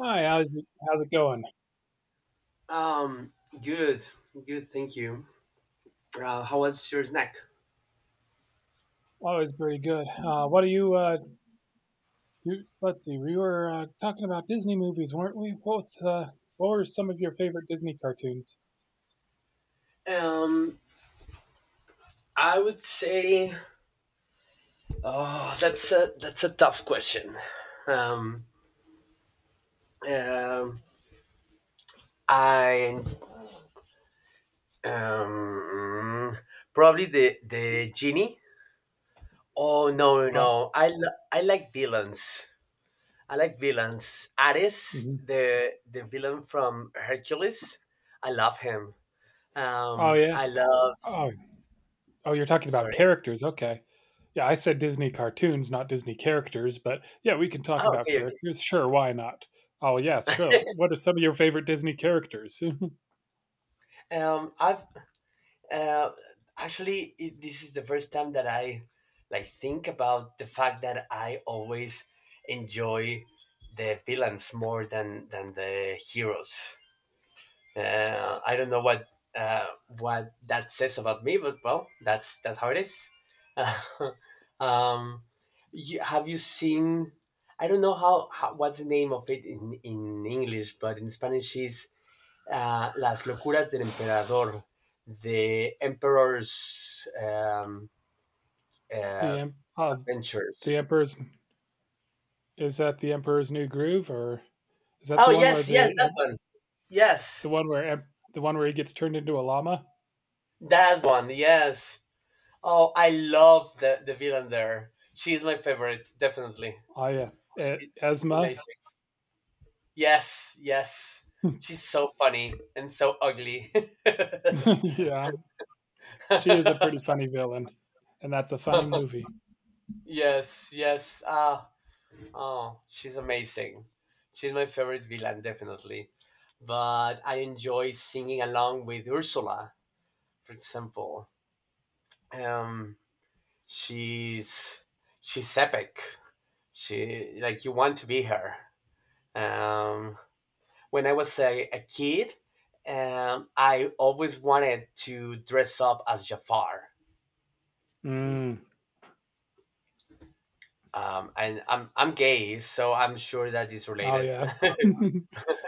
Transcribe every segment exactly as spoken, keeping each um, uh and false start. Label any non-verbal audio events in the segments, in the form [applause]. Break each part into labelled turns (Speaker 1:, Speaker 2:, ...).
Speaker 1: Hi, how's it, how's it going?
Speaker 2: Um, Good, good. Thank you. Uh, how was your snack?
Speaker 1: Always pretty good. Uh, what are you, uh, you? Let's see. We were uh, talking about Disney movies, weren't we? What was, uh, what were some of your favorite Disney cartoons?
Speaker 2: Um, I would say, oh, that's a that's a tough question. Um, um, I um Probably the the genie. Oh, no,
Speaker 1: Oh,
Speaker 2: no! I li- I like villains. I like villains. Ares,
Speaker 1: mhm.
Speaker 2: the the villain from Hercules. I love him.
Speaker 1: Oh
Speaker 2: Um,
Speaker 1: yeah.
Speaker 2: I love.
Speaker 1: Oh, oh, you're talking about
Speaker 2: Sorry.
Speaker 1: characters. Okay. Yeah, I said Disney cartoons, not Disney characters. But yeah, we can talk
Speaker 2: Oh,
Speaker 1: about
Speaker 2: okay, okay.
Speaker 1: characters. Sure, why not? Oh yeah, sure. What are some of your favorite Disney characters?
Speaker 2: Um, I've Uh, Actually, it, this is the first time that I, like, think about the fact that I always enjoy the villains more than than the heroes. Uh, I don't know what uh, what that says about me, but well, that's that's how it is. [laughs] um, you, have you seen? I don't know how, how what's the name of it in in English, but in Spanish is, ah, Las locuras del emperador, The Emperor's um,
Speaker 1: [laughs] the
Speaker 2: uh,
Speaker 1: em- uh, the
Speaker 2: Adventures.
Speaker 1: Emperor's Is that the Emperor's New Groove, or is that
Speaker 2: Oh,
Speaker 1: the one where
Speaker 2: yes, yes,
Speaker 1: the
Speaker 2: that one. Yes,
Speaker 1: The one where the one where he gets turned into a llama?
Speaker 2: that one, yes. Oh, I love the, the villain there. She's my favorite, definitely.
Speaker 1: Oh yeah, E-
Speaker 2: She, she's
Speaker 1: Esma.
Speaker 2: amazing. Yes, yes.
Speaker 1: [laughs]
Speaker 2: She's so funny and so ugly.
Speaker 1: Yeah, she is a pretty funny villain, and that's a funny
Speaker 2: [laughs]
Speaker 1: movie.
Speaker 2: Yes, yes. Ah, oh, she's amazing. She's my favorite villain, definitely, but I enjoy singing along with Ursula, for example. Um, she's she's epic. She, like, you want to be her. Um, when I was a, a kid, um, I always wanted to dress up as Jafar.
Speaker 1: Mm.
Speaker 2: Um, and I'm I'm gay, so I'm sure that is
Speaker 1: Oh
Speaker 2: related. [laughs]
Speaker 1: yeah, [laughs]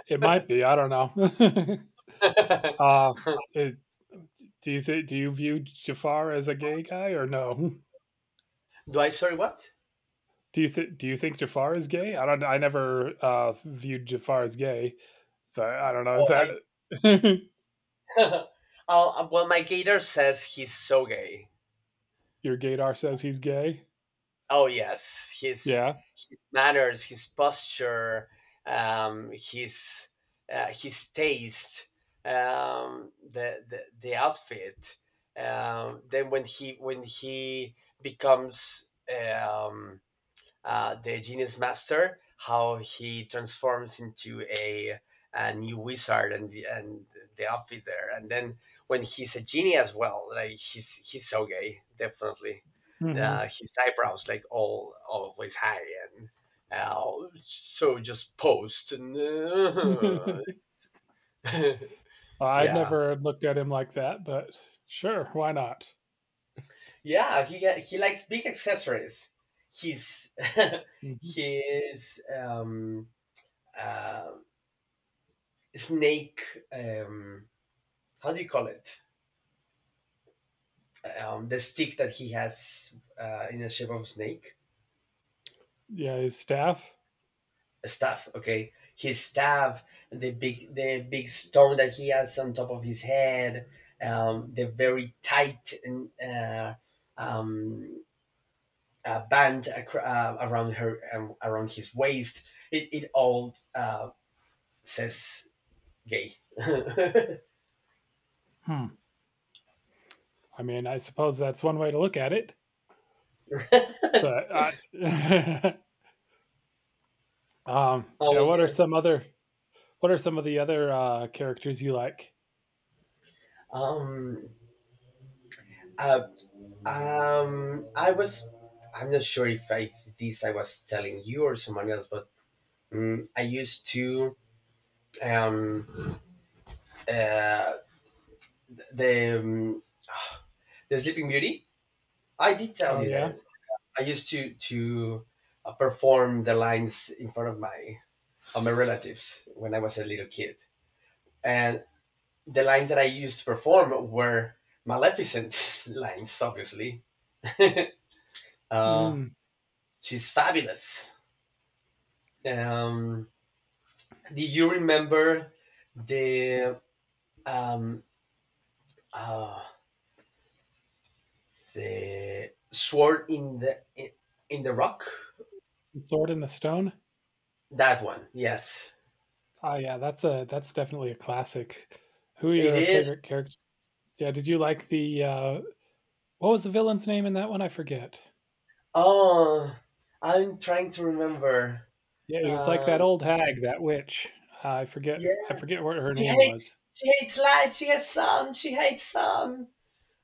Speaker 1: it might be. I don't know. [laughs]
Speaker 2: Do
Speaker 1: uh, it, do you think do you view Jafar as a gay guy or no?
Speaker 2: I? Sorry, what?
Speaker 1: Do you think do you think Jafar is gay? I don't. I never uh, viewed Jafar as gay. So I don't know. Is
Speaker 2: Oh,
Speaker 1: that
Speaker 2: I.
Speaker 1: [laughs]
Speaker 2: [laughs] oh, uh, well, my gator says he's so gay.
Speaker 1: your gaydar says he's gay?
Speaker 2: Oh yes, his
Speaker 1: Yeah.
Speaker 2: his manners, his posture, um, his uh, his taste, um, the, the the outfit. Um, then when he when he becomes, um, uh, the genius master, how he transforms into a, a new wizard, and the- and the outfit there, and then when he's a genie as well, like he's he's so gay, definitely. Uh,
Speaker 1: Hmm.
Speaker 2: his eyebrows, like, all always high, and, uh, so just posed, and,
Speaker 1: [laughs]
Speaker 2: uh, [laughs]
Speaker 1: I'd
Speaker 2: yeah,
Speaker 1: never looked at him like that, but sure, why not?
Speaker 2: yeah, he ha- he likes big accessories. He's [laughs]
Speaker 1: Mhm.
Speaker 2: his, um um snake. Um, how do you call it? Um, the stick that he has, uh, in the shape of a snake,
Speaker 1: Yeah, his staff.
Speaker 2: a staff. Okay, his staff, the big the big stone that he has on top of his head, um, the very tight and, uh, um, uh, band, acro- uh, around her um, around his waist. It it all, uh, says gay. [laughs]
Speaker 1: Hmm. I mean, I suppose that's one way to look at it. But
Speaker 2: Oh
Speaker 1: I, [laughs] um, yeah. What are
Speaker 2: yeah.
Speaker 1: some other? What are some of the other uh, characters you like?
Speaker 2: Um. Uh, Um, I was, I'm not sure if I if this I was telling you or someone else, but, um, I used to, um uh the um, the Sleeping Beauty. I did tell
Speaker 1: Oh
Speaker 2: you that
Speaker 1: yeah,
Speaker 2: I used to to uh, perform the lines in front of my of my relatives when I was a little kid, and the lines that I used to perform were Maleficent [laughs] lines, obviously. [laughs] uh,
Speaker 1: mm,
Speaker 2: she's fabulous. Um, Do you remember the um uh, the sword in the in, in the rock?
Speaker 1: Sword in the Stone.
Speaker 2: That one, yes,
Speaker 1: Oh yeah, that's a that's definitely a classic. Who are
Speaker 2: it
Speaker 1: your
Speaker 2: is.
Speaker 1: favorite character? Yeah, did you like the uh, what was the villain's name in that one? I forget.
Speaker 2: Oh, I'm trying to remember.
Speaker 1: Yeah, he was like that
Speaker 2: Um,
Speaker 1: old hag, that witch. Uh, I
Speaker 2: yeah,
Speaker 1: forget. I forget what her
Speaker 2: she
Speaker 1: name
Speaker 2: hates
Speaker 1: was.
Speaker 2: she hates light. She hates sun. She hates sun.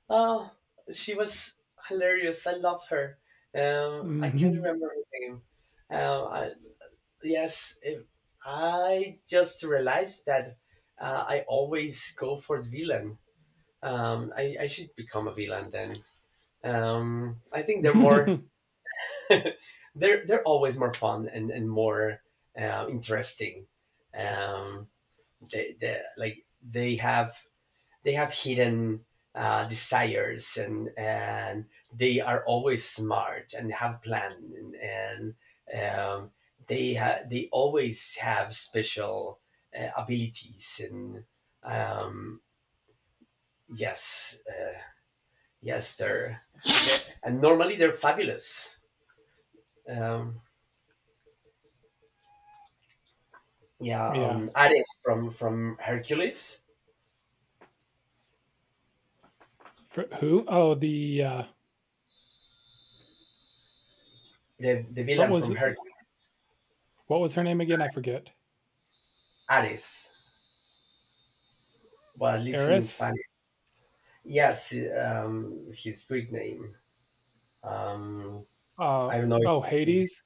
Speaker 2: Oh, she was hilarious. I loved her. Um, I can't
Speaker 1: Hmm.
Speaker 2: remember her name. Um, I, Yes, eh, I just realized that, uh, I always go for the villain. Um, I, I should become a villain then. Um, I think they're more,
Speaker 1: [laughs]
Speaker 2: [laughs] they're they're always more fun and and more, uh, interesting. Um, they, they, like, they have they have hidden, uh, desires, and and they are always smart and have plan, and, and um, they ha- they always have special, uh, abilities, and, um, yes uh, yes, they're, they're- and normally they're fabulous. um, yeah.
Speaker 1: Yeah.
Speaker 2: um, Ares from from Hercules.
Speaker 1: For, who? Oh, the uh,
Speaker 2: The the
Speaker 1: What
Speaker 2: villain
Speaker 1: was
Speaker 2: from Hercules.
Speaker 1: what was her name again? I forget.
Speaker 2: Ares, well, at least in
Speaker 1: Eris.
Speaker 2: Spanish. Yes. Um, his Greek name. Um,
Speaker 1: Uh,
Speaker 2: I don't know if,
Speaker 1: oh,
Speaker 2: if you,
Speaker 1: Hades.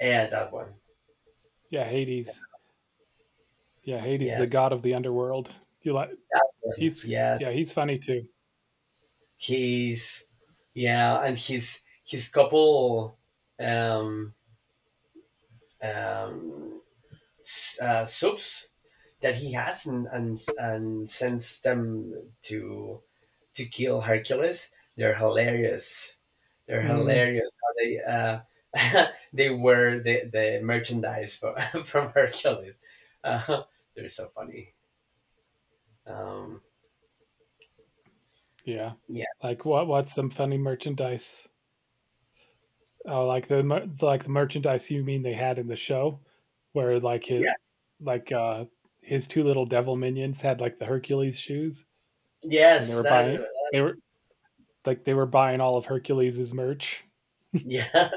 Speaker 2: yeah, that one.
Speaker 1: Yeah, Hades. Yeah, Hades, the
Speaker 2: Yes,
Speaker 1: god of the underworld. You like?
Speaker 2: that one.
Speaker 1: He's
Speaker 2: Yes,
Speaker 1: Yeah, he's funny too.
Speaker 2: he's yeah, and his his couple, um um s- uh, subs that he has, and, and and sends them to to kill Hercules. They're hilarious. They're
Speaker 1: Mm,
Speaker 2: hilarious how they, uh [laughs] they were the the merchandise for, [laughs] from Hercules. Uh, [laughs] they're so funny. Um,
Speaker 1: yeah.
Speaker 2: yeah.
Speaker 1: Like what? What's some funny merchandise? Oh, like the like the merchandise you mean they had in the show, where like his
Speaker 2: Yes.
Speaker 1: like uh his two little devil minions had like the Hercules shoes, and they
Speaker 2: Yes.
Speaker 1: were buying
Speaker 2: That.
Speaker 1: they were like they were buying all of Hercules's merch.
Speaker 2: Yeah.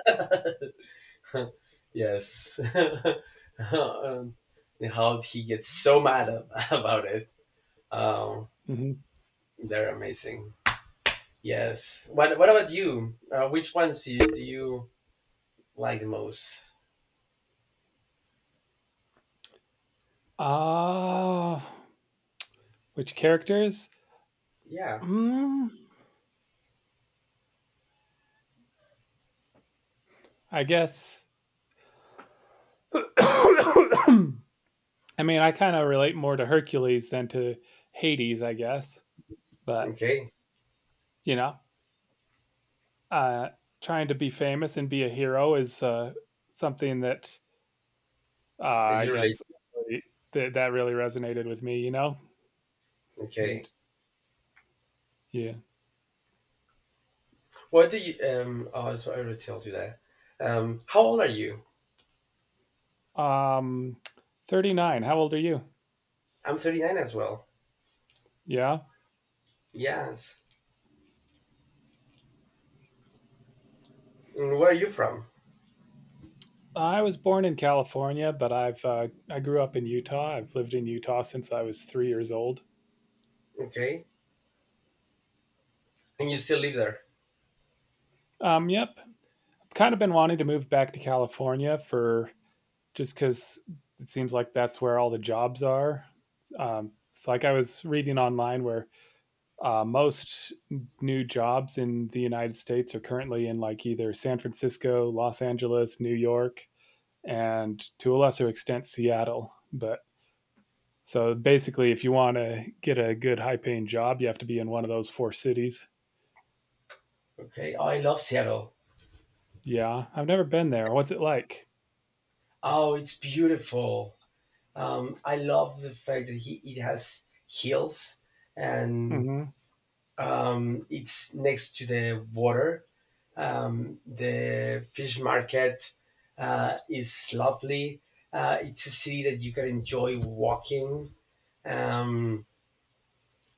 Speaker 2: [laughs] Yes. [laughs] um, and how he gets so mad, ab- [laughs] about it. Um,
Speaker 1: Hmm.
Speaker 2: they're amazing. Yes. What What about you? Uh, which ones do you, do you like the most?
Speaker 1: Ah, which characters?
Speaker 2: Yeah.
Speaker 1: Mm, I guess. [coughs] I mean, I kind of relate more to Hercules than to Hades, I guess. But
Speaker 2: Okay.
Speaker 1: you know, uh, trying to be famous and be a hero is uh, something that Uh,
Speaker 2: That
Speaker 1: I
Speaker 2: you relate.
Speaker 1: guess really, that that really resonated with me, you know?
Speaker 2: Okay.
Speaker 1: And yeah.
Speaker 2: What do you? Um. Oh, so I already told you that. Um. How old are you?
Speaker 1: Um thirty-nine. How old are you?
Speaker 2: I'm thirty-nine as well.
Speaker 1: Yeah.
Speaker 2: Yes. And where are you from?
Speaker 1: I was born in California, but I've uh, I grew up in Utah. I've lived in Utah since I was three years old.
Speaker 2: Okay. And you still live there?
Speaker 1: Um yep. I've kind of been wanting to move back to California for just cuz it seems like that's where all the jobs are. Um it's like I was reading online where uh, most new jobs in the United States are currently in like either San Francisco, Los Angeles, New York, and to a lesser extent Seattle. But so basically, if you want to get a good high paying job, you have to be in one of those four cities.
Speaker 2: Okay. Oh, I love Seattle.
Speaker 1: Yeah, I've never been there. What's it like?
Speaker 2: Oh, it's beautiful. Um, I love the fact that he it has hills and,
Speaker 1: Hmm.
Speaker 2: um, it's next to the water. Um, the fish market, uh, is lovely. Uh, it's a city that you can enjoy walking. Um,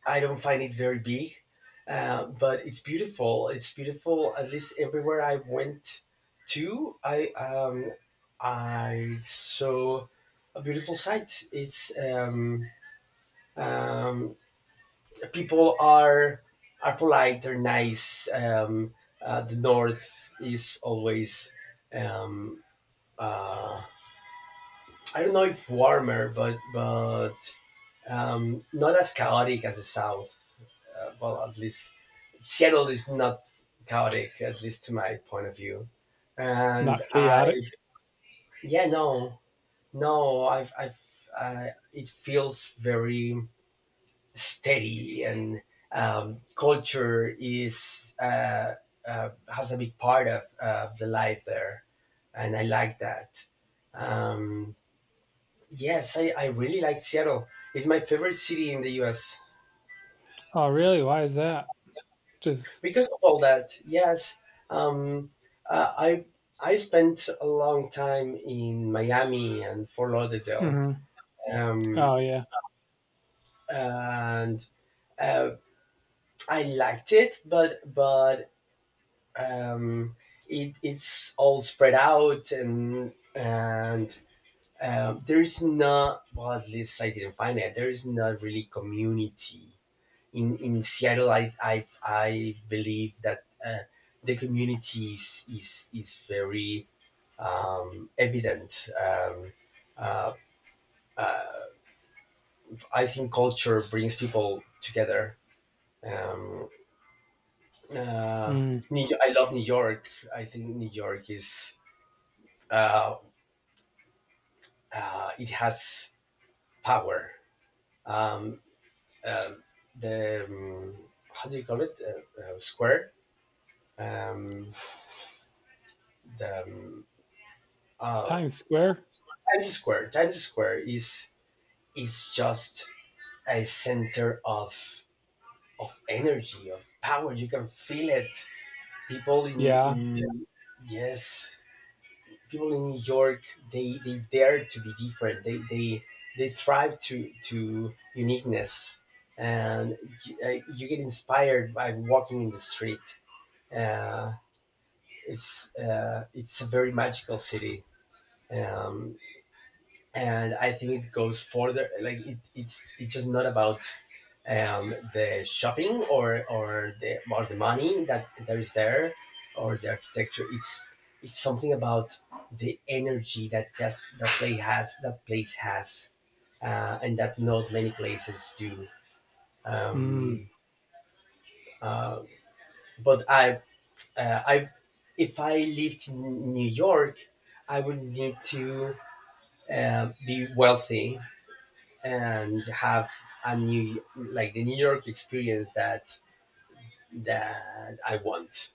Speaker 2: I don't find it very big, uh, but it's beautiful. It's beautiful. At least everywhere I went to, I um, I saw a beautiful sight. It's um, um, people are are polite. They're nice. Um, uh, the north is always. Um, uh, I don't know if warmer, but but um, not as chaotic as the south. Uh, well, at least Seattle is not chaotic, at least to my point of view. And
Speaker 1: Not
Speaker 2: I,
Speaker 1: chaotic.
Speaker 2: yeah, no, no, I've, I've, uh, it feels very steady, and, um, culture is uh, uh, has a big part of, uh, the life there, and I like that. Um, yes, I, I really like Seattle. It's my favorite city in the U S.
Speaker 1: Oh, really? Why is that? Just.
Speaker 2: Because of all that, yes, um, uh, I I spent a long time in Miami and Fort Lauderdale,
Speaker 1: Hmm.
Speaker 2: um,
Speaker 1: Oh, yeah.
Speaker 2: and uh, I liked it, but but um, it, it's all spread out, and and um, there is not, well, at least I didn't find it. There is not really community in in Seattle. I I I believe that, uh, the community is is is very, um, evident. Um, uh, I think culture brings people together. Um, uh,
Speaker 1: Mm.
Speaker 2: New, I love New York. I think New York is, uh, uh, it has power. Um, uh, the um, How do you call it? Uh, uh, square. Um, the um, uh,
Speaker 1: Times Square?
Speaker 2: Times Square. Times Square is is just a center of of energy, of power. You can feel it. People in Yeah.
Speaker 1: Yeah.
Speaker 2: in Yes, people in New York, they they dare to be different. They they they thrive to to uniqueness, and, you, uh, you get inspired by walking in the street. uh, it's uh, it's a very magical city, um, and I think it goes further. Like it, it's it's just not about, um, the shopping, or or the or the money that there is there, or the architecture. It's it's something about the energy that that that place has, that place has uh, and that not many places do.
Speaker 1: Mm.
Speaker 2: Um, uh, but I uh, I, if I lived in New York, I would need to, uh, be wealthy and have a new like the New York experience that that I want,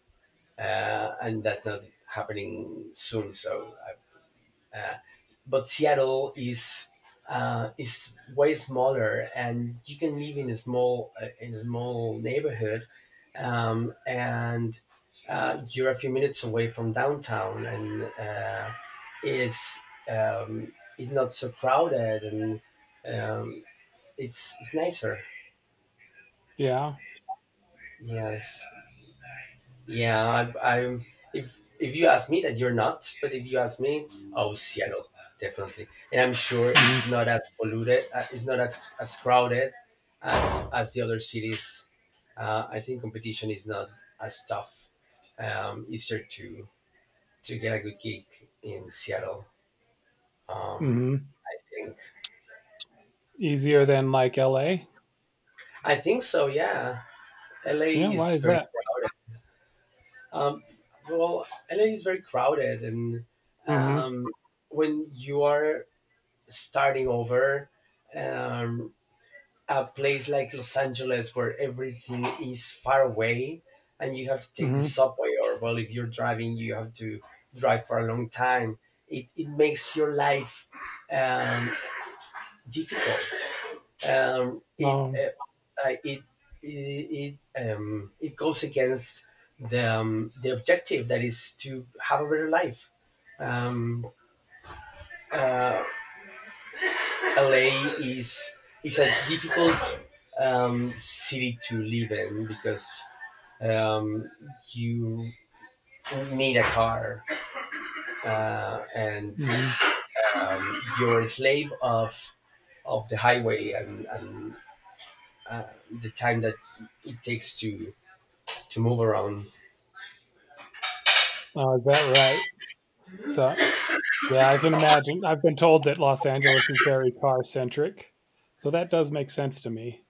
Speaker 2: uh, and that's not happening soon. So, uh, uh, but Seattle is uh, is way smaller, and you can live in a small, uh, in a small neighborhood, um, and uh, you're a few minutes away from downtown, and, uh, is um, it's not so crowded and. Um, it's it's nicer.
Speaker 1: Yeah.
Speaker 2: Yes. Yeah. I, I'm. If if you ask me that, you're not. But if you ask me, oh, Seattle, definitely. And I'm sure
Speaker 1: Mm-hmm.
Speaker 2: it's not as polluted. Uh, it's not as, as crowded as as the other cities. Uh, I think competition is not as tough. Um, easier to to get a good gig in Seattle. Um,
Speaker 1: Mm-hmm.
Speaker 2: I think.
Speaker 1: Easier than like L A?
Speaker 2: I think so. Yeah.
Speaker 1: Yeah,
Speaker 2: L A
Speaker 1: why
Speaker 2: is
Speaker 1: is
Speaker 2: very
Speaker 1: that?
Speaker 2: crowded. Um, well, L A is very crowded, and,
Speaker 1: Mm.
Speaker 2: um, when you are starting over, um, a place like Los Angeles where everything is far away, and you have to
Speaker 1: Mhm,
Speaker 2: take
Speaker 1: mm
Speaker 2: the
Speaker 1: mhm,
Speaker 2: subway, or, well, if you're driving, you have to drive for a long time. It it makes your life, um, difficult. um, it
Speaker 1: oh,
Speaker 2: uh, uh, it it it, um, it goes against the um, the objective that is to have a better life. Um, L A is is a difficult, um, city to live in, because, um, you need a car, uh, and
Speaker 1: mm mhm.
Speaker 2: um, you're a slave of of the highway, and, and the time that it takes to to move around.
Speaker 1: Oh, is that right? So, yeah, I can imagine. I've been told that Los Angeles is very car-centric, so that does make sense to me.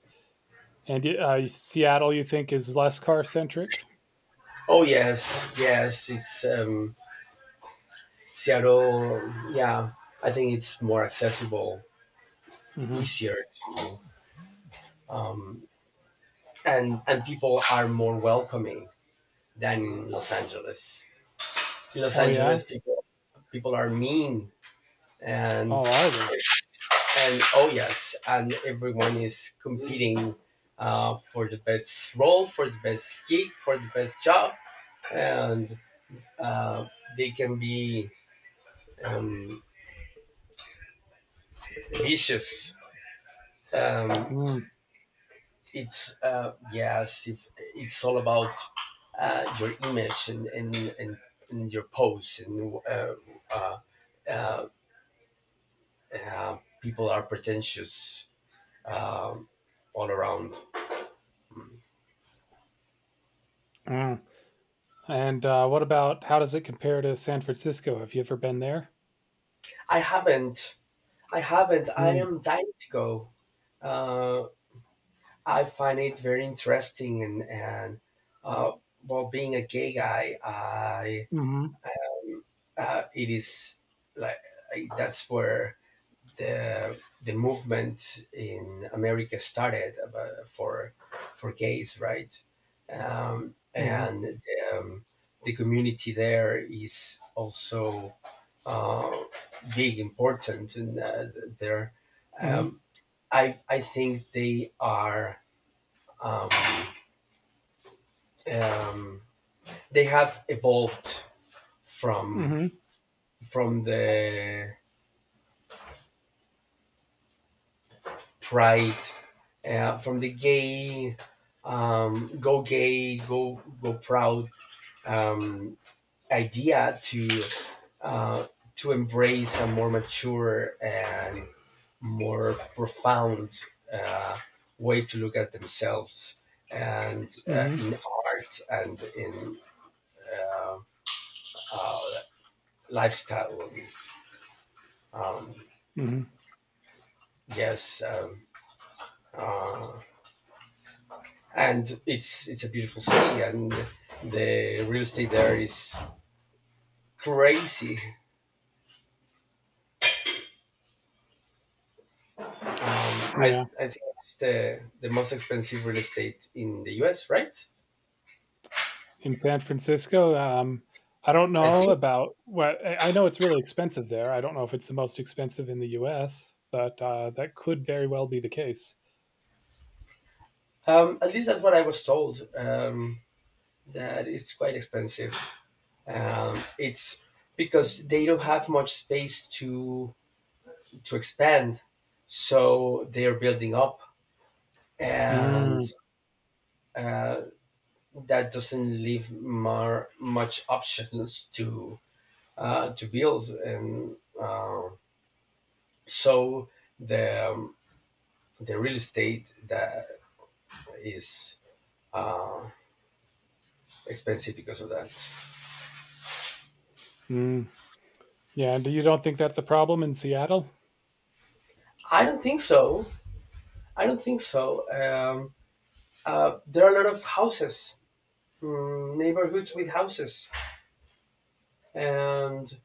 Speaker 1: And, y uh, Seattle, you think is less car-centric?
Speaker 2: Oh yes, yes, it's, um, Seattle. Yeah, I think it's more accessible,
Speaker 1: Mm. Mhm.
Speaker 2: easier, to, um, and and people are more welcoming than in Los Angeles. In Los
Speaker 1: Oh, yeah?
Speaker 2: Angeles, people people are mean, and
Speaker 1: Oh, are they?
Speaker 2: and oh yes, and everyone is competing, uh, for the best role, for the best gig, for the best job, and uh, they can be, um, vicious. um,
Speaker 1: Mm,
Speaker 2: it's, uh, yes, if it's all about, uh, your image and and, and, and your pose and, uh, uh, uh, uh, people are pretentious, um, all around.
Speaker 1: mm. And, uh, what about how does it compare to San Francisco? Have you ever been there?
Speaker 2: I haven't. I haven't. I
Speaker 1: Mm,
Speaker 2: am dying to go. uh, I find it very interesting, and and uh, well, being a gay guy, I,
Speaker 1: mhm,
Speaker 2: uh, it is like I, that's where the the movement in America started, about, for for gays, right? Um,
Speaker 1: mm
Speaker 2: and, um, the community there is also, uh, big, important, and, uh, there.
Speaker 1: mhm, mm
Speaker 2: um, I I think they are, um, um, they have evolved
Speaker 1: mhm,
Speaker 2: from
Speaker 1: mm
Speaker 2: from the pride, uh, from the gay, um, go gay go go proud, um, idea to, uh, to embrace a more mature and more profound, uh, way to look at themselves, and, uh,
Speaker 1: mhm,
Speaker 2: in art and in, uh, lifestyle. um,
Speaker 1: mhm, mhm,
Speaker 2: yes. um, uh, and it's it's a beautiful city, and the real estate there is crazy. I
Speaker 1: yeah.
Speaker 2: I think it's the the most expensive real estate in the U S. Right?
Speaker 1: In San Francisco. Um, I don't
Speaker 2: I
Speaker 1: know
Speaker 2: think.
Speaker 1: about what I I know it's really expensive there. I don't know if it's the most expensive in the U S, but uh, that could very well be the case.
Speaker 2: Um, at least that's what I was told. Um, that it's quite expensive. Um, it's because they don't have much space to to expand, so they are building up, and,
Speaker 1: Mm,
Speaker 2: uh, that doesn't leave more much options to, uh, to build, and, uh, so the, um, the real estate that is, uh, expensive because of that.
Speaker 1: mm. Yeah, and you don't think that's a problem in Seattle?
Speaker 2: I don't think so. I don't think so. Um, uh, there are a lot of houses, mm, neighborhoods with houses, and,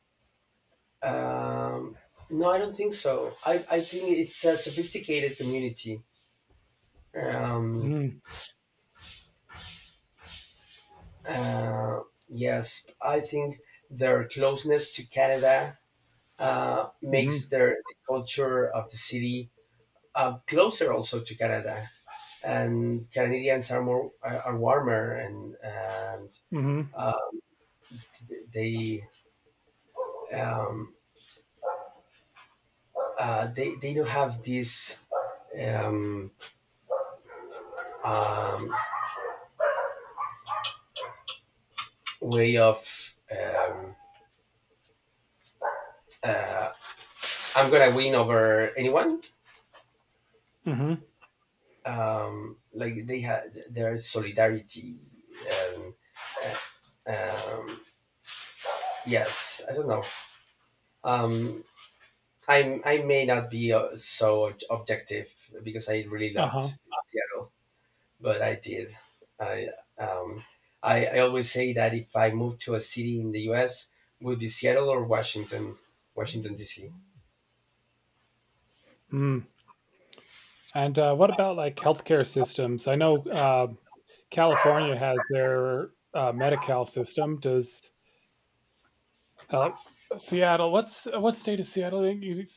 Speaker 2: um, no, I don't think so. I, I think it's a sophisticated community. Um,
Speaker 1: Mm,
Speaker 2: uh, yes, I think their closeness to Canada, uh,
Speaker 1: mm-hmm,
Speaker 2: makes their the culture of the city, uh, closer also to Canada, and Canadians are more are warmer and and
Speaker 1: mm-hmm,
Speaker 2: they, um, uh, they they don't have this, um, um, way of, um, uh, I'm gonna win over anyone.
Speaker 1: mm-hmm,
Speaker 2: Um, like they had their solidarity. And, um, yes, I don't know. Um, I I may not be, uh, so objective because I really loved
Speaker 1: uh-huh.
Speaker 2: Seattle, but I did. I, um, I, I always say that if I moved to a city in the U S, would be Seattle or Washington, Washington D C.
Speaker 1: Mm. And uh, what about like healthcare systems? I know uh, California has their uh, Medi-Cal system. Does Uh, Seattle. What's uh, what state is Seattle?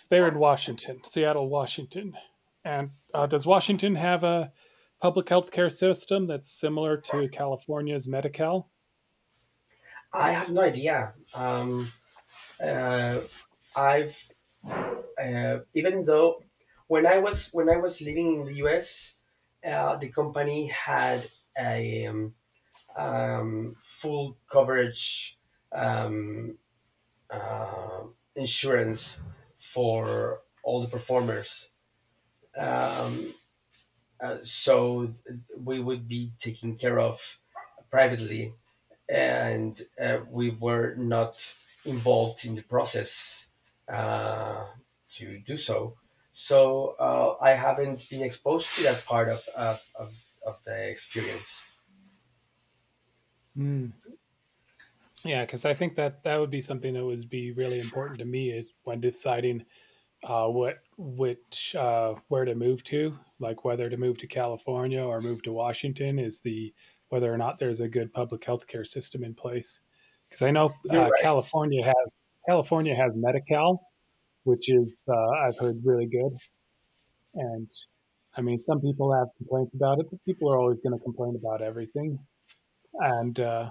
Speaker 1: They're in Washington. Seattle, Washington. And uh, does Washington have a public health care system that's similar to California's Medi-Cal?
Speaker 2: I have no idea. Um, uh, I've, uh, even though when I was when I was living in the U S, uh, the company had a, um, um, full coverage, um, uh, insurance for all the performers, uh, so th- we would be taken care of privately, and, uh, we were not involved in the process, uh, to do so. So, uh, I haven't been exposed to that part of, of, of, of the experience.
Speaker 1: Hmm. Yeah, because I think that that would be something that would be really important to me when deciding uh, what which uh, where to move to, like whether to move to California or move to Washington, is the whether or not there's a good public health care system in place. Because I know
Speaker 2: You're
Speaker 1: uh,
Speaker 2: right.
Speaker 1: California has California has Medi-Cal, which is uh, I've heard really good. And I mean, some people have complaints about it, but people are always going to complain about everything. And uh,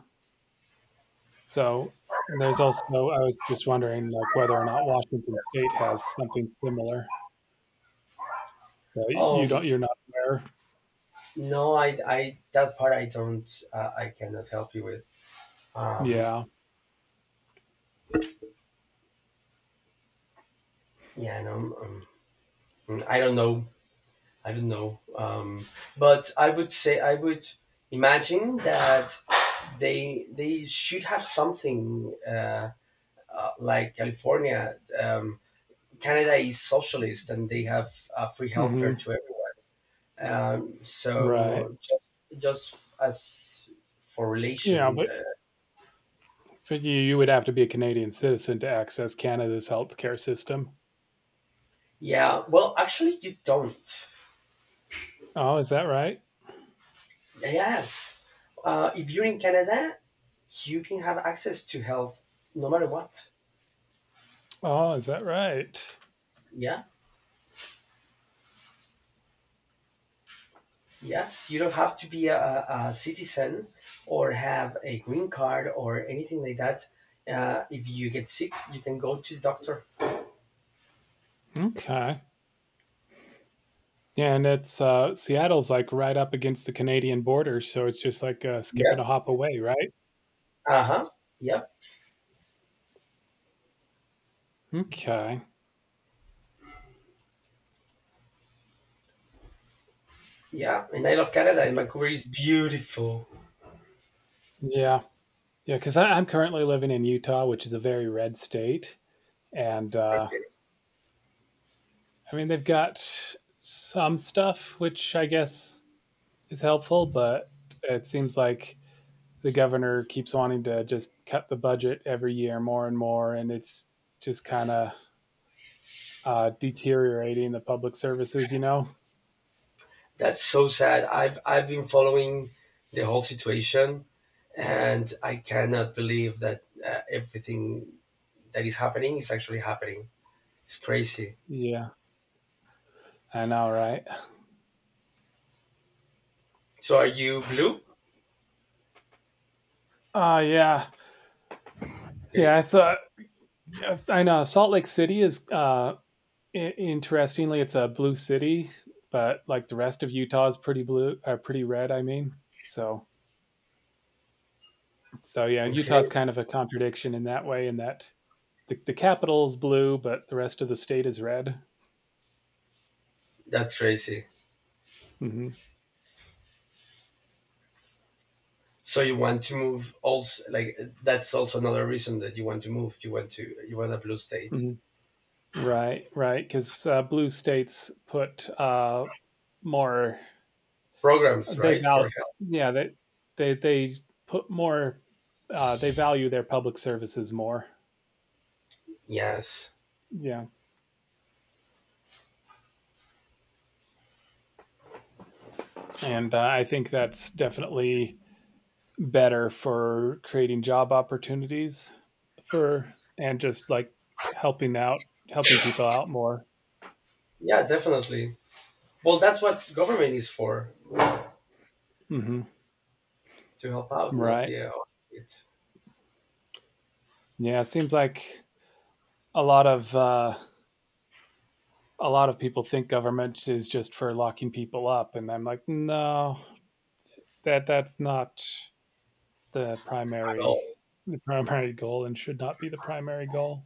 Speaker 1: so and there's also I was just wondering like whether or not Washington State has something similar. Uh, you
Speaker 2: Um,
Speaker 1: don't you're not aware.
Speaker 2: no, I, I that part I don't, uh, I cannot help you with. Um,
Speaker 1: Yeah.
Speaker 2: yeah, no. Um, I don't know. I don't know. Um, but I would say I would imagine that they they should have something, uh, uh, like California. Um, Canada is socialist, and they have, uh, free healthcare
Speaker 1: Mhm.
Speaker 2: to everyone. Um,
Speaker 1: Right.
Speaker 2: so just just as for
Speaker 1: Yeah,
Speaker 2: relation.
Speaker 1: but
Speaker 2: Uh,
Speaker 1: for you, you would have to be a Canadian citizen to access Canada's healthcare system.
Speaker 2: yeah. Well, actually, you don't.
Speaker 1: Oh, is that right?
Speaker 2: Yes, uh, if you're in Canada, you can have access to health no matter what.
Speaker 1: Oh, is that right?
Speaker 2: Yeah. Yes, you don't have to be a, a citizen, or have a green card or anything like that. Uh, if you get sick, you can go to the doctor.
Speaker 1: Okay. Yeah, and it's uh, Seattle's like right up against the Canadian border, so it's just like a skip and
Speaker 2: Yeah.
Speaker 1: a hop away, right?
Speaker 2: Uh huh. Yep.
Speaker 1: Okay.
Speaker 2: Yeah. And I love Canada, and Vancouver is beautiful.
Speaker 1: Yeah. Yeah, because I'm currently living in Utah, which is a very red state. And uh,
Speaker 2: Okay.
Speaker 1: I mean, they've got some stuff, which I guess is helpful, but it seems like the governor keeps wanting to just cut the budget every year more and more, and it's just kind of uh, deteriorating the public services. You know?
Speaker 2: That's so sad. I've I've been following the whole situation, and I cannot believe that, uh, everything that is happening is actually happening. It's crazy.
Speaker 1: Yeah, I know, right?
Speaker 2: So, are you blue?
Speaker 1: Uh yeah,
Speaker 2: Okay.
Speaker 1: yeah. It's uh, Yes, I know Salt Lake City is uh, i- interestingly, it's a blue city, but like the rest of Utah is pretty blue, uh, pretty red. I mean, so so yeah,
Speaker 2: Okay.
Speaker 1: Utah's kind of a contradiction in that way, in that the, the capital is blue, but the rest of the state is red.
Speaker 2: That's crazy.
Speaker 1: Hmm.
Speaker 2: So you want to move also, like that's also another reason that you want to move. You want to you want a blue state.
Speaker 1: Right, right, 'cause, uh, blue states put, uh, more
Speaker 2: Programs,
Speaker 1: they
Speaker 2: right? For
Speaker 1: val
Speaker 2: help.
Speaker 1: yeah, they they they put more, uh, they value their public services more.
Speaker 2: Yes.
Speaker 1: Yeah, and, uh, I think that's definitely better for creating job opportunities for, and just, like, helping out helping people out more.
Speaker 2: Yeah, definitely. Well, that's what government is for,
Speaker 1: Mhm.
Speaker 2: to help out, not
Speaker 1: Right.
Speaker 2: the, uh, it
Speaker 1: Yeah, it seems like a lot of, uh a lot of people think government is just for locking people up, and I'm like, no, that that's not the
Speaker 2: at
Speaker 1: primary
Speaker 2: all.
Speaker 1: the primary goal and should not be the primary goal.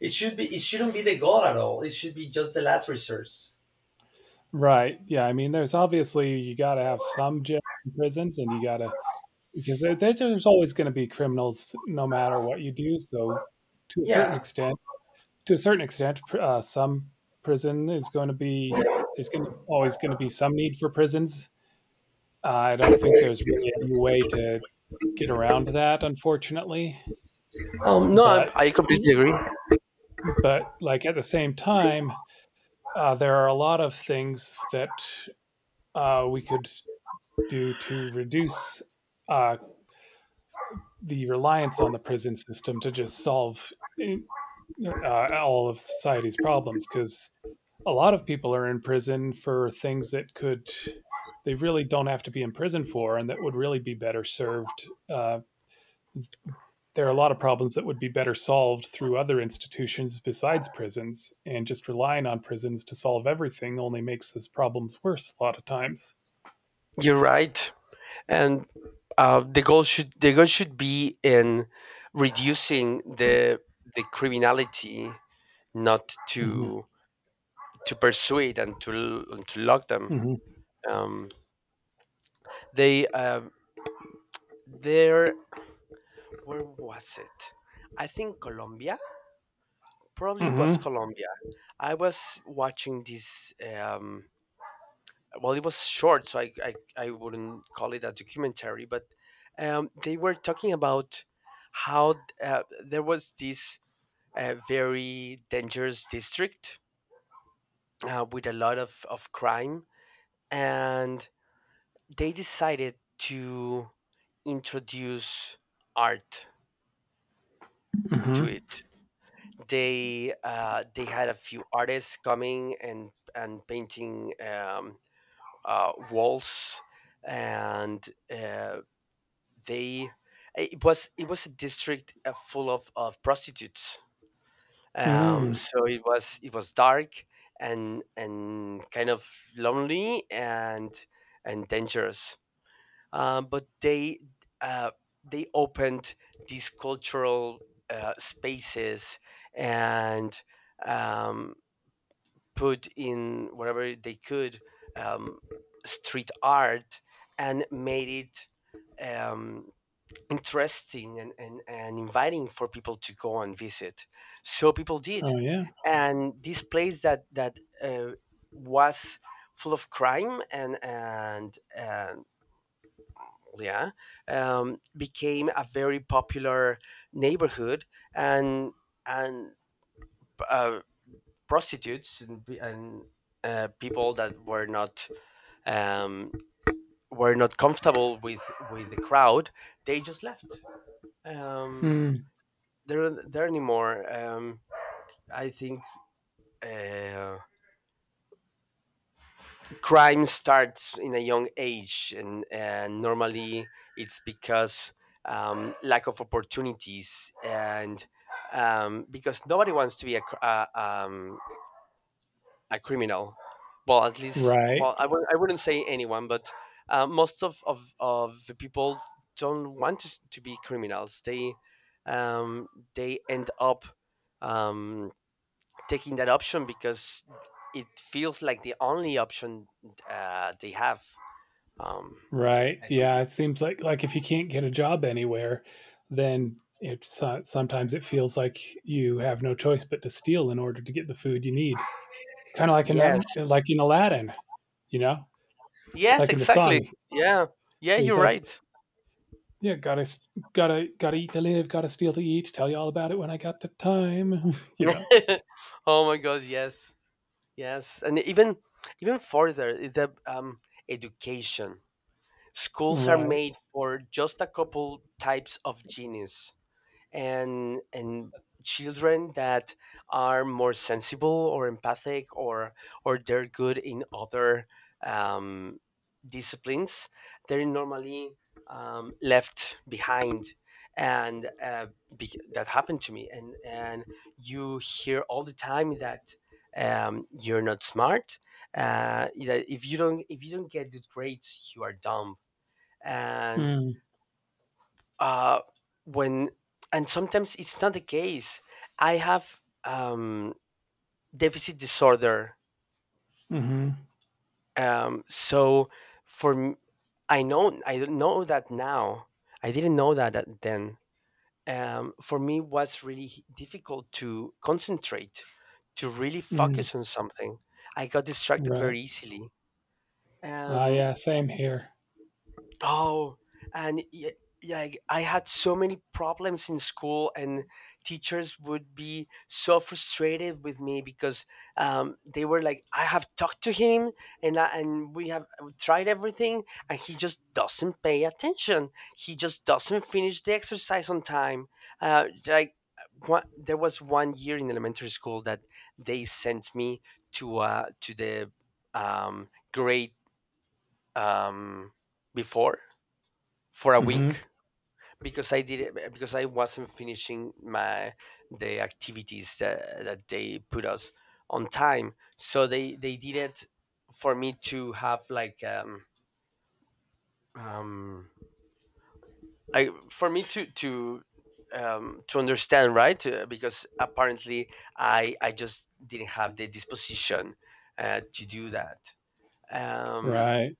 Speaker 2: It should be it shouldn't be the goal at all. It should be just the last resource.
Speaker 1: Right. Yeah, I mean, there's obviously you got to have some jail and prisons, and you got to, because there, there's always going to be criminals no matter what you do, so to a certain
Speaker 2: Yeah.
Speaker 1: extent to a certain extent uh, some prison is going to be there's going to always going to be some need for prisons. uh, I don't think there's really any way to get around that, unfortunately.
Speaker 2: Um. No, I'm,
Speaker 1: But
Speaker 2: I completely agree.
Speaker 1: but like at the same time, uh, there are a lot of things that uh, we could do to reduce uh, the reliance on the prison system to just solve uh, all of society's problems, because a lot of people are in prison for things that could they really don't have to be in prison for, and that would really be better served. Uh, there are a lot of problems that would be better solved through other institutions besides prisons, and just relying on prisons to solve everything only makes those problems worse a lot of times.
Speaker 2: You're right, and, uh, the goal should the goal should be in reducing the the criminality, not
Speaker 1: Mm-hmm.
Speaker 2: to to persuade and to l- and to lock them.
Speaker 1: Mm-hmm.
Speaker 2: Um, they, um, there, where was it? I think Colombia. Probably it was
Speaker 1: Mm-hmm.
Speaker 2: Colombia. I was watching this. Um, well, it was short, so I, I I wouldn't call it a documentary, but, um, they were talking about how, uh, there was this, uh, very dangerous district, uh, with a lot of, of crime, and they decided to introduce art to it.
Speaker 1: Mm-hmm.
Speaker 2: They uh, they had a few artists coming and and painting, um, uh, walls, and, uh, they it was it was a district, uh, full of, of prostitutes. Um,
Speaker 1: Mm-hmm.
Speaker 2: so it was it was dark, and and kind of lonely, and and dangerous. Um, but they uh, they opened these cultural, uh, spaces, and, um, put in whatever they could, um, street art, and made it, um, interesting and, and, and inviting for people to go and visit. So people did.
Speaker 1: Oh yeah.
Speaker 2: And this place that, that uh, was full of crime, and, and, and yeah, um, became a very popular neighborhood, and and uh, prostitutes, and, and uh, people that were not um, were not comfortable with with the crowd, they just left. Um,
Speaker 1: Mm.
Speaker 2: they're they're anymore. Um, I think. Uh, crime starts in a young age, and, and normally it's because, um, lack of opportunities, and, um, because nobody wants to be a, cr- uh, um, a criminal. Well, at least,
Speaker 1: Right.
Speaker 2: well, i, w- I wouldn't say anyone, but, uh, most of, of, of the people don't want to, s- to be criminals. They, um, they end up, um, taking that option because it feels like the only option, uh, they have. Um,
Speaker 1: Right.
Speaker 2: I
Speaker 1: Yeah.
Speaker 2: think.
Speaker 1: It seems like like if you can't get a job anywhere, then it so- sometimes it feels like you have no choice but to steal in order to get the food you need. Kind of like in
Speaker 2: Yes,
Speaker 1: that, like in Aladdin. You know, it's
Speaker 2: yes,
Speaker 1: like in the
Speaker 2: exactly.
Speaker 1: song.
Speaker 2: Yeah, yeah,
Speaker 1: He's
Speaker 2: you're
Speaker 1: like,
Speaker 2: right.
Speaker 1: yeah, gotta gotta gotta eat to live, gotta steal to eat. Tell you all about it when I got the time. [laughs] you
Speaker 2: [laughs]
Speaker 1: know,
Speaker 2: Oh my God, yes, yes, and even even further, i- the, um, education. Schools are
Speaker 1: right?
Speaker 2: made for just a couple types of genius, and and children that are more sensible, or empathic, or or they're good in other, um, disciplines, they're normally, um, left behind, and, uh, be- that happened to me, and and you hear all the time that, um, you're not smart, uh, that if you don't if you don't get good grades, you are dumb, and
Speaker 1: Mm,
Speaker 2: uh when and sometimes it's not the case. I have, um deficit disorder.
Speaker 1: mm-hmm,
Speaker 2: Um, so for m- I know. I don't know that now. I didn't know that at then. Um, for me, it was really h- difficult to concentrate, to really
Speaker 1: mm,
Speaker 2: focus on something. I got distracted
Speaker 1: right.
Speaker 2: very easily.
Speaker 1: Ah,
Speaker 2: Um,
Speaker 1: yeah, same here.
Speaker 2: oh, and y- like I had so many problems in school, and teachers would be so frustrated with me because, um, they were like, "I have talked to him, and I, and we have tried everything, and he just doesn't pay attention. He just doesn't finish the exercise on time." Uh, like. uh, one, there was one year in elementary school that they sent me to, uh, to the, um, grade, um, before, for a
Speaker 1: Mm-hmm,
Speaker 2: week, because I did it, because I wasn't finishing my the activities that that they put us on time. So they they did it for me to have, like um um like for me to to um to understand, right. Uh, because apparently I I just didn't have the disposition, uh, to do that. Um,
Speaker 1: right.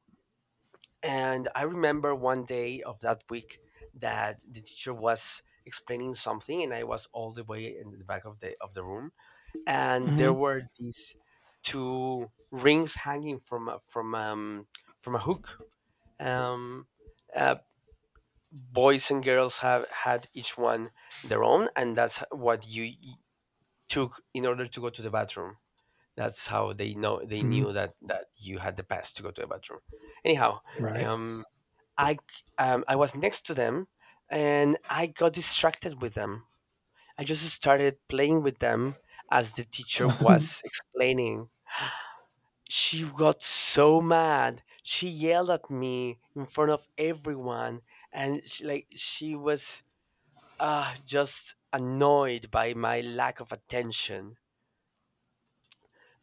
Speaker 2: And I remember one day of that week that the teacher was explaining something, and I was all the way in the back of the of the room. And there
Speaker 1: Mm-hmm,
Speaker 2: were these two rings hanging from a, from um from a hook. Um, uh, boys and girls have had each one their own, and that's what you y- took in order to go to the bathroom. That's how they know they
Speaker 1: mm,
Speaker 2: knew that that you had the pass to go to the bathroom. Anyhow,
Speaker 1: right.
Speaker 2: um I um, I was next to them, and I got distracted with them. I just started playing with them as the teacher was
Speaker 1: [laughs]
Speaker 2: explaining. She got so mad. She yelled at me in front of everyone, and she, like, she was, uh, just annoyed by my lack of attention.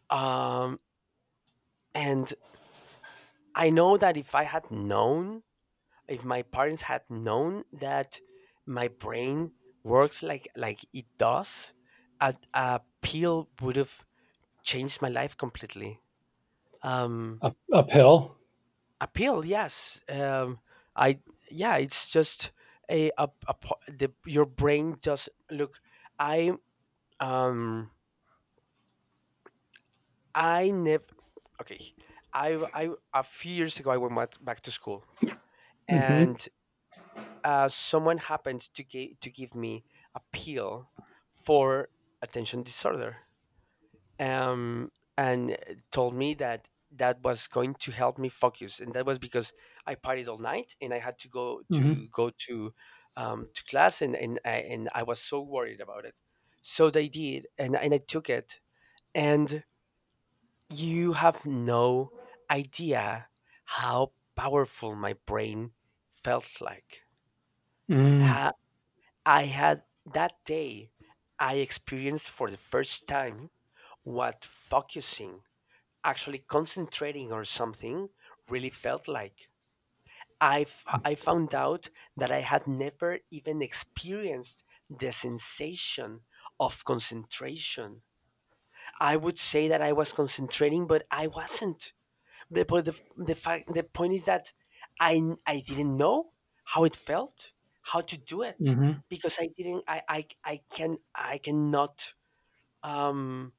Speaker 2: Um, and I know that if I had known, if my parents had known that my brain works like like it does, a, a pill would have changed my life completely. Um,
Speaker 1: Up, uphill.
Speaker 2: a pill, yes. Um, I yeah, it's just a, a, a po- the, your brain just look. I um I never. Okay. I I A few years ago, I went back back to school,
Speaker 1: Mm-hmm,
Speaker 2: and, uh, someone happened to give to give me a pill for attention disorder. Um, and, eh, told me that that was going to help me focus, and that was because I partied all night, and I had to go
Speaker 1: mm-hmm,
Speaker 2: to go, to um, to class, and and I, and I was so worried about it. So they did, and and I took it, and you have no idea how powerful my brain felt like.
Speaker 1: mm,
Speaker 2: Ha. I had that day, I experienced for the first time what focusing, actually concentrating on something, really felt like. I, f- I found out that I had never even experienced the sensation of concentration. I would say that I was concentrating, but I wasn't. The, but the, the fact, the point is that I, I didn't know how it felt, how to do it,
Speaker 1: mm-hmm,
Speaker 2: because I didn't, I, I, I can, I cannot, um,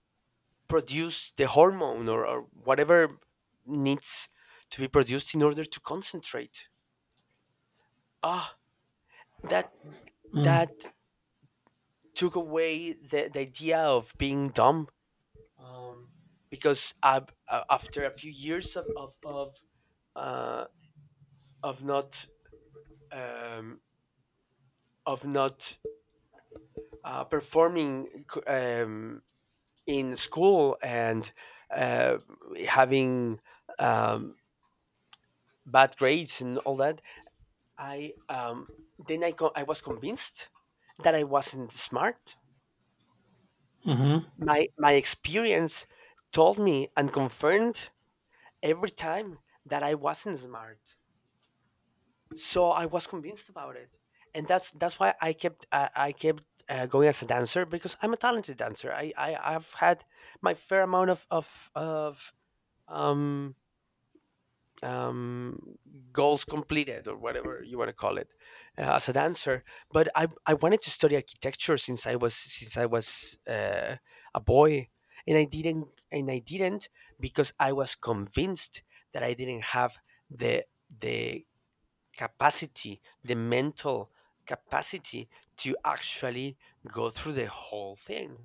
Speaker 2: produce the hormone, or, or whatever needs to be produced in order to concentrate. Ah, that, that
Speaker 1: mm,
Speaker 2: took away the, the idea of being dumb. Um, because I, after a few years of, of, of, uh, of not, um, of not, uh, performing, um, in school, and, uh, having, um, bad grades and all that, I um, then I, co- I was convinced that I wasn't smart.
Speaker 1: mm-hmm,
Speaker 2: My my experience told me and confirmed every time that I wasn't smart, so I was convinced about it. And that's that's why I kept, uh, I kept uh, going as a dancer, because I'm a talented dancer. I, I I've had my fair amount of of of um um goals completed, or whatever you want to call it, uh, as a dancer. But i i wanted to study architecture since I was since I was, uh, a boy, and I didn't. And I didn't, because I was convinced that I didn't have the the capacity, the mental capacity, to actually go through the whole thing.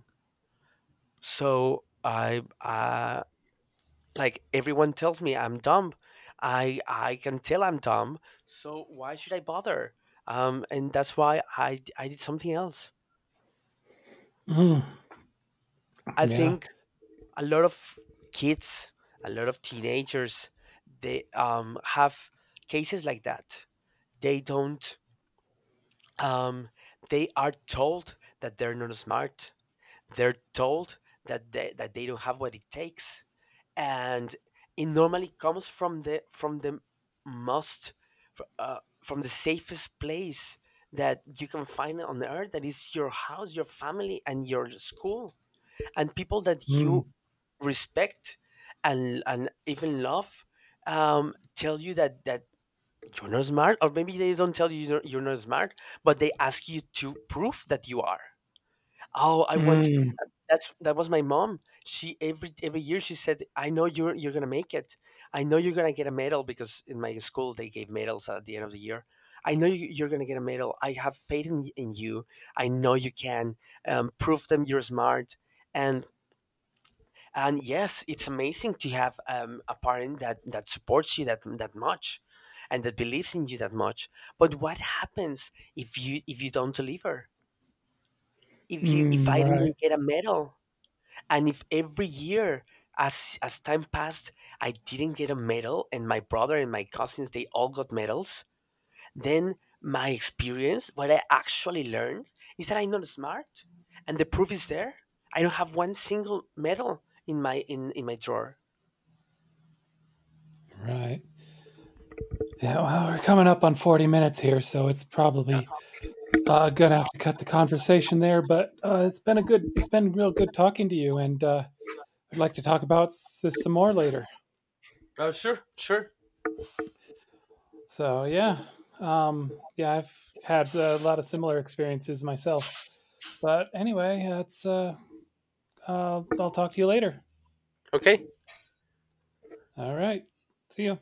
Speaker 2: So I, uh like, everyone tells me I'm dumb. I I can tell I'm dumb. So why should I bother? Um, and that's why I d- I did something else.
Speaker 1: mm,
Speaker 2: I
Speaker 1: yeah.
Speaker 2: think a lot of kids, a lot of teenagers, they, um have cases like that. They don't, um they are told that they're not smart. They're told that they that they don't have what it takes, and it normally comes from the from the most fr- uh, from the safest place that you can find on earth, that is your house, your family, and your school, and people that
Speaker 1: Mm,
Speaker 2: you respect and and even love, um tell you that that you're not smart. Or maybe they don't tell you you're not, you're not smart, but they ask you to prove that you are. Oh, I want,
Speaker 1: mm,
Speaker 2: that's that was my mom. She, every every year she said, "I know you're you're gonna make it. I know you're gonna get a medal, because in my school they gave medals at the end of the year. I know you, you're gonna get a medal. I have faith, in, y- in you. I know you can. Um, prove them you're smart." And, and yes, it's amazing to have, um, a parent that that supports you that that much, and that believes in you that much. But what happens if you if you don't deliver? If you if
Speaker 1: mm,
Speaker 2: I
Speaker 1: right,
Speaker 2: didn't get a medal? And if every year, as as time passed, I didn't get a medal, and my brother and my cousins, they all got medals, then my experience, what I actually learned, is that I'm not smart, and the proof is there. I don't have one single medal in my in, in my drawer.
Speaker 1: right. Yeah, well, we're coming up on forty minutes here, so it's probably Uh, gonna have to cut the conversation there, but uh, it's been a good, it's been real good talking to you, and uh, I'd like to talk about s- this some more later.
Speaker 2: Oh, sure, sure.
Speaker 1: So yeah, um, yeah, I've had a lot of similar experiences myself. But anyway, that's uh, uh, I'll talk to you later.
Speaker 2: Okay.
Speaker 1: All right, see you.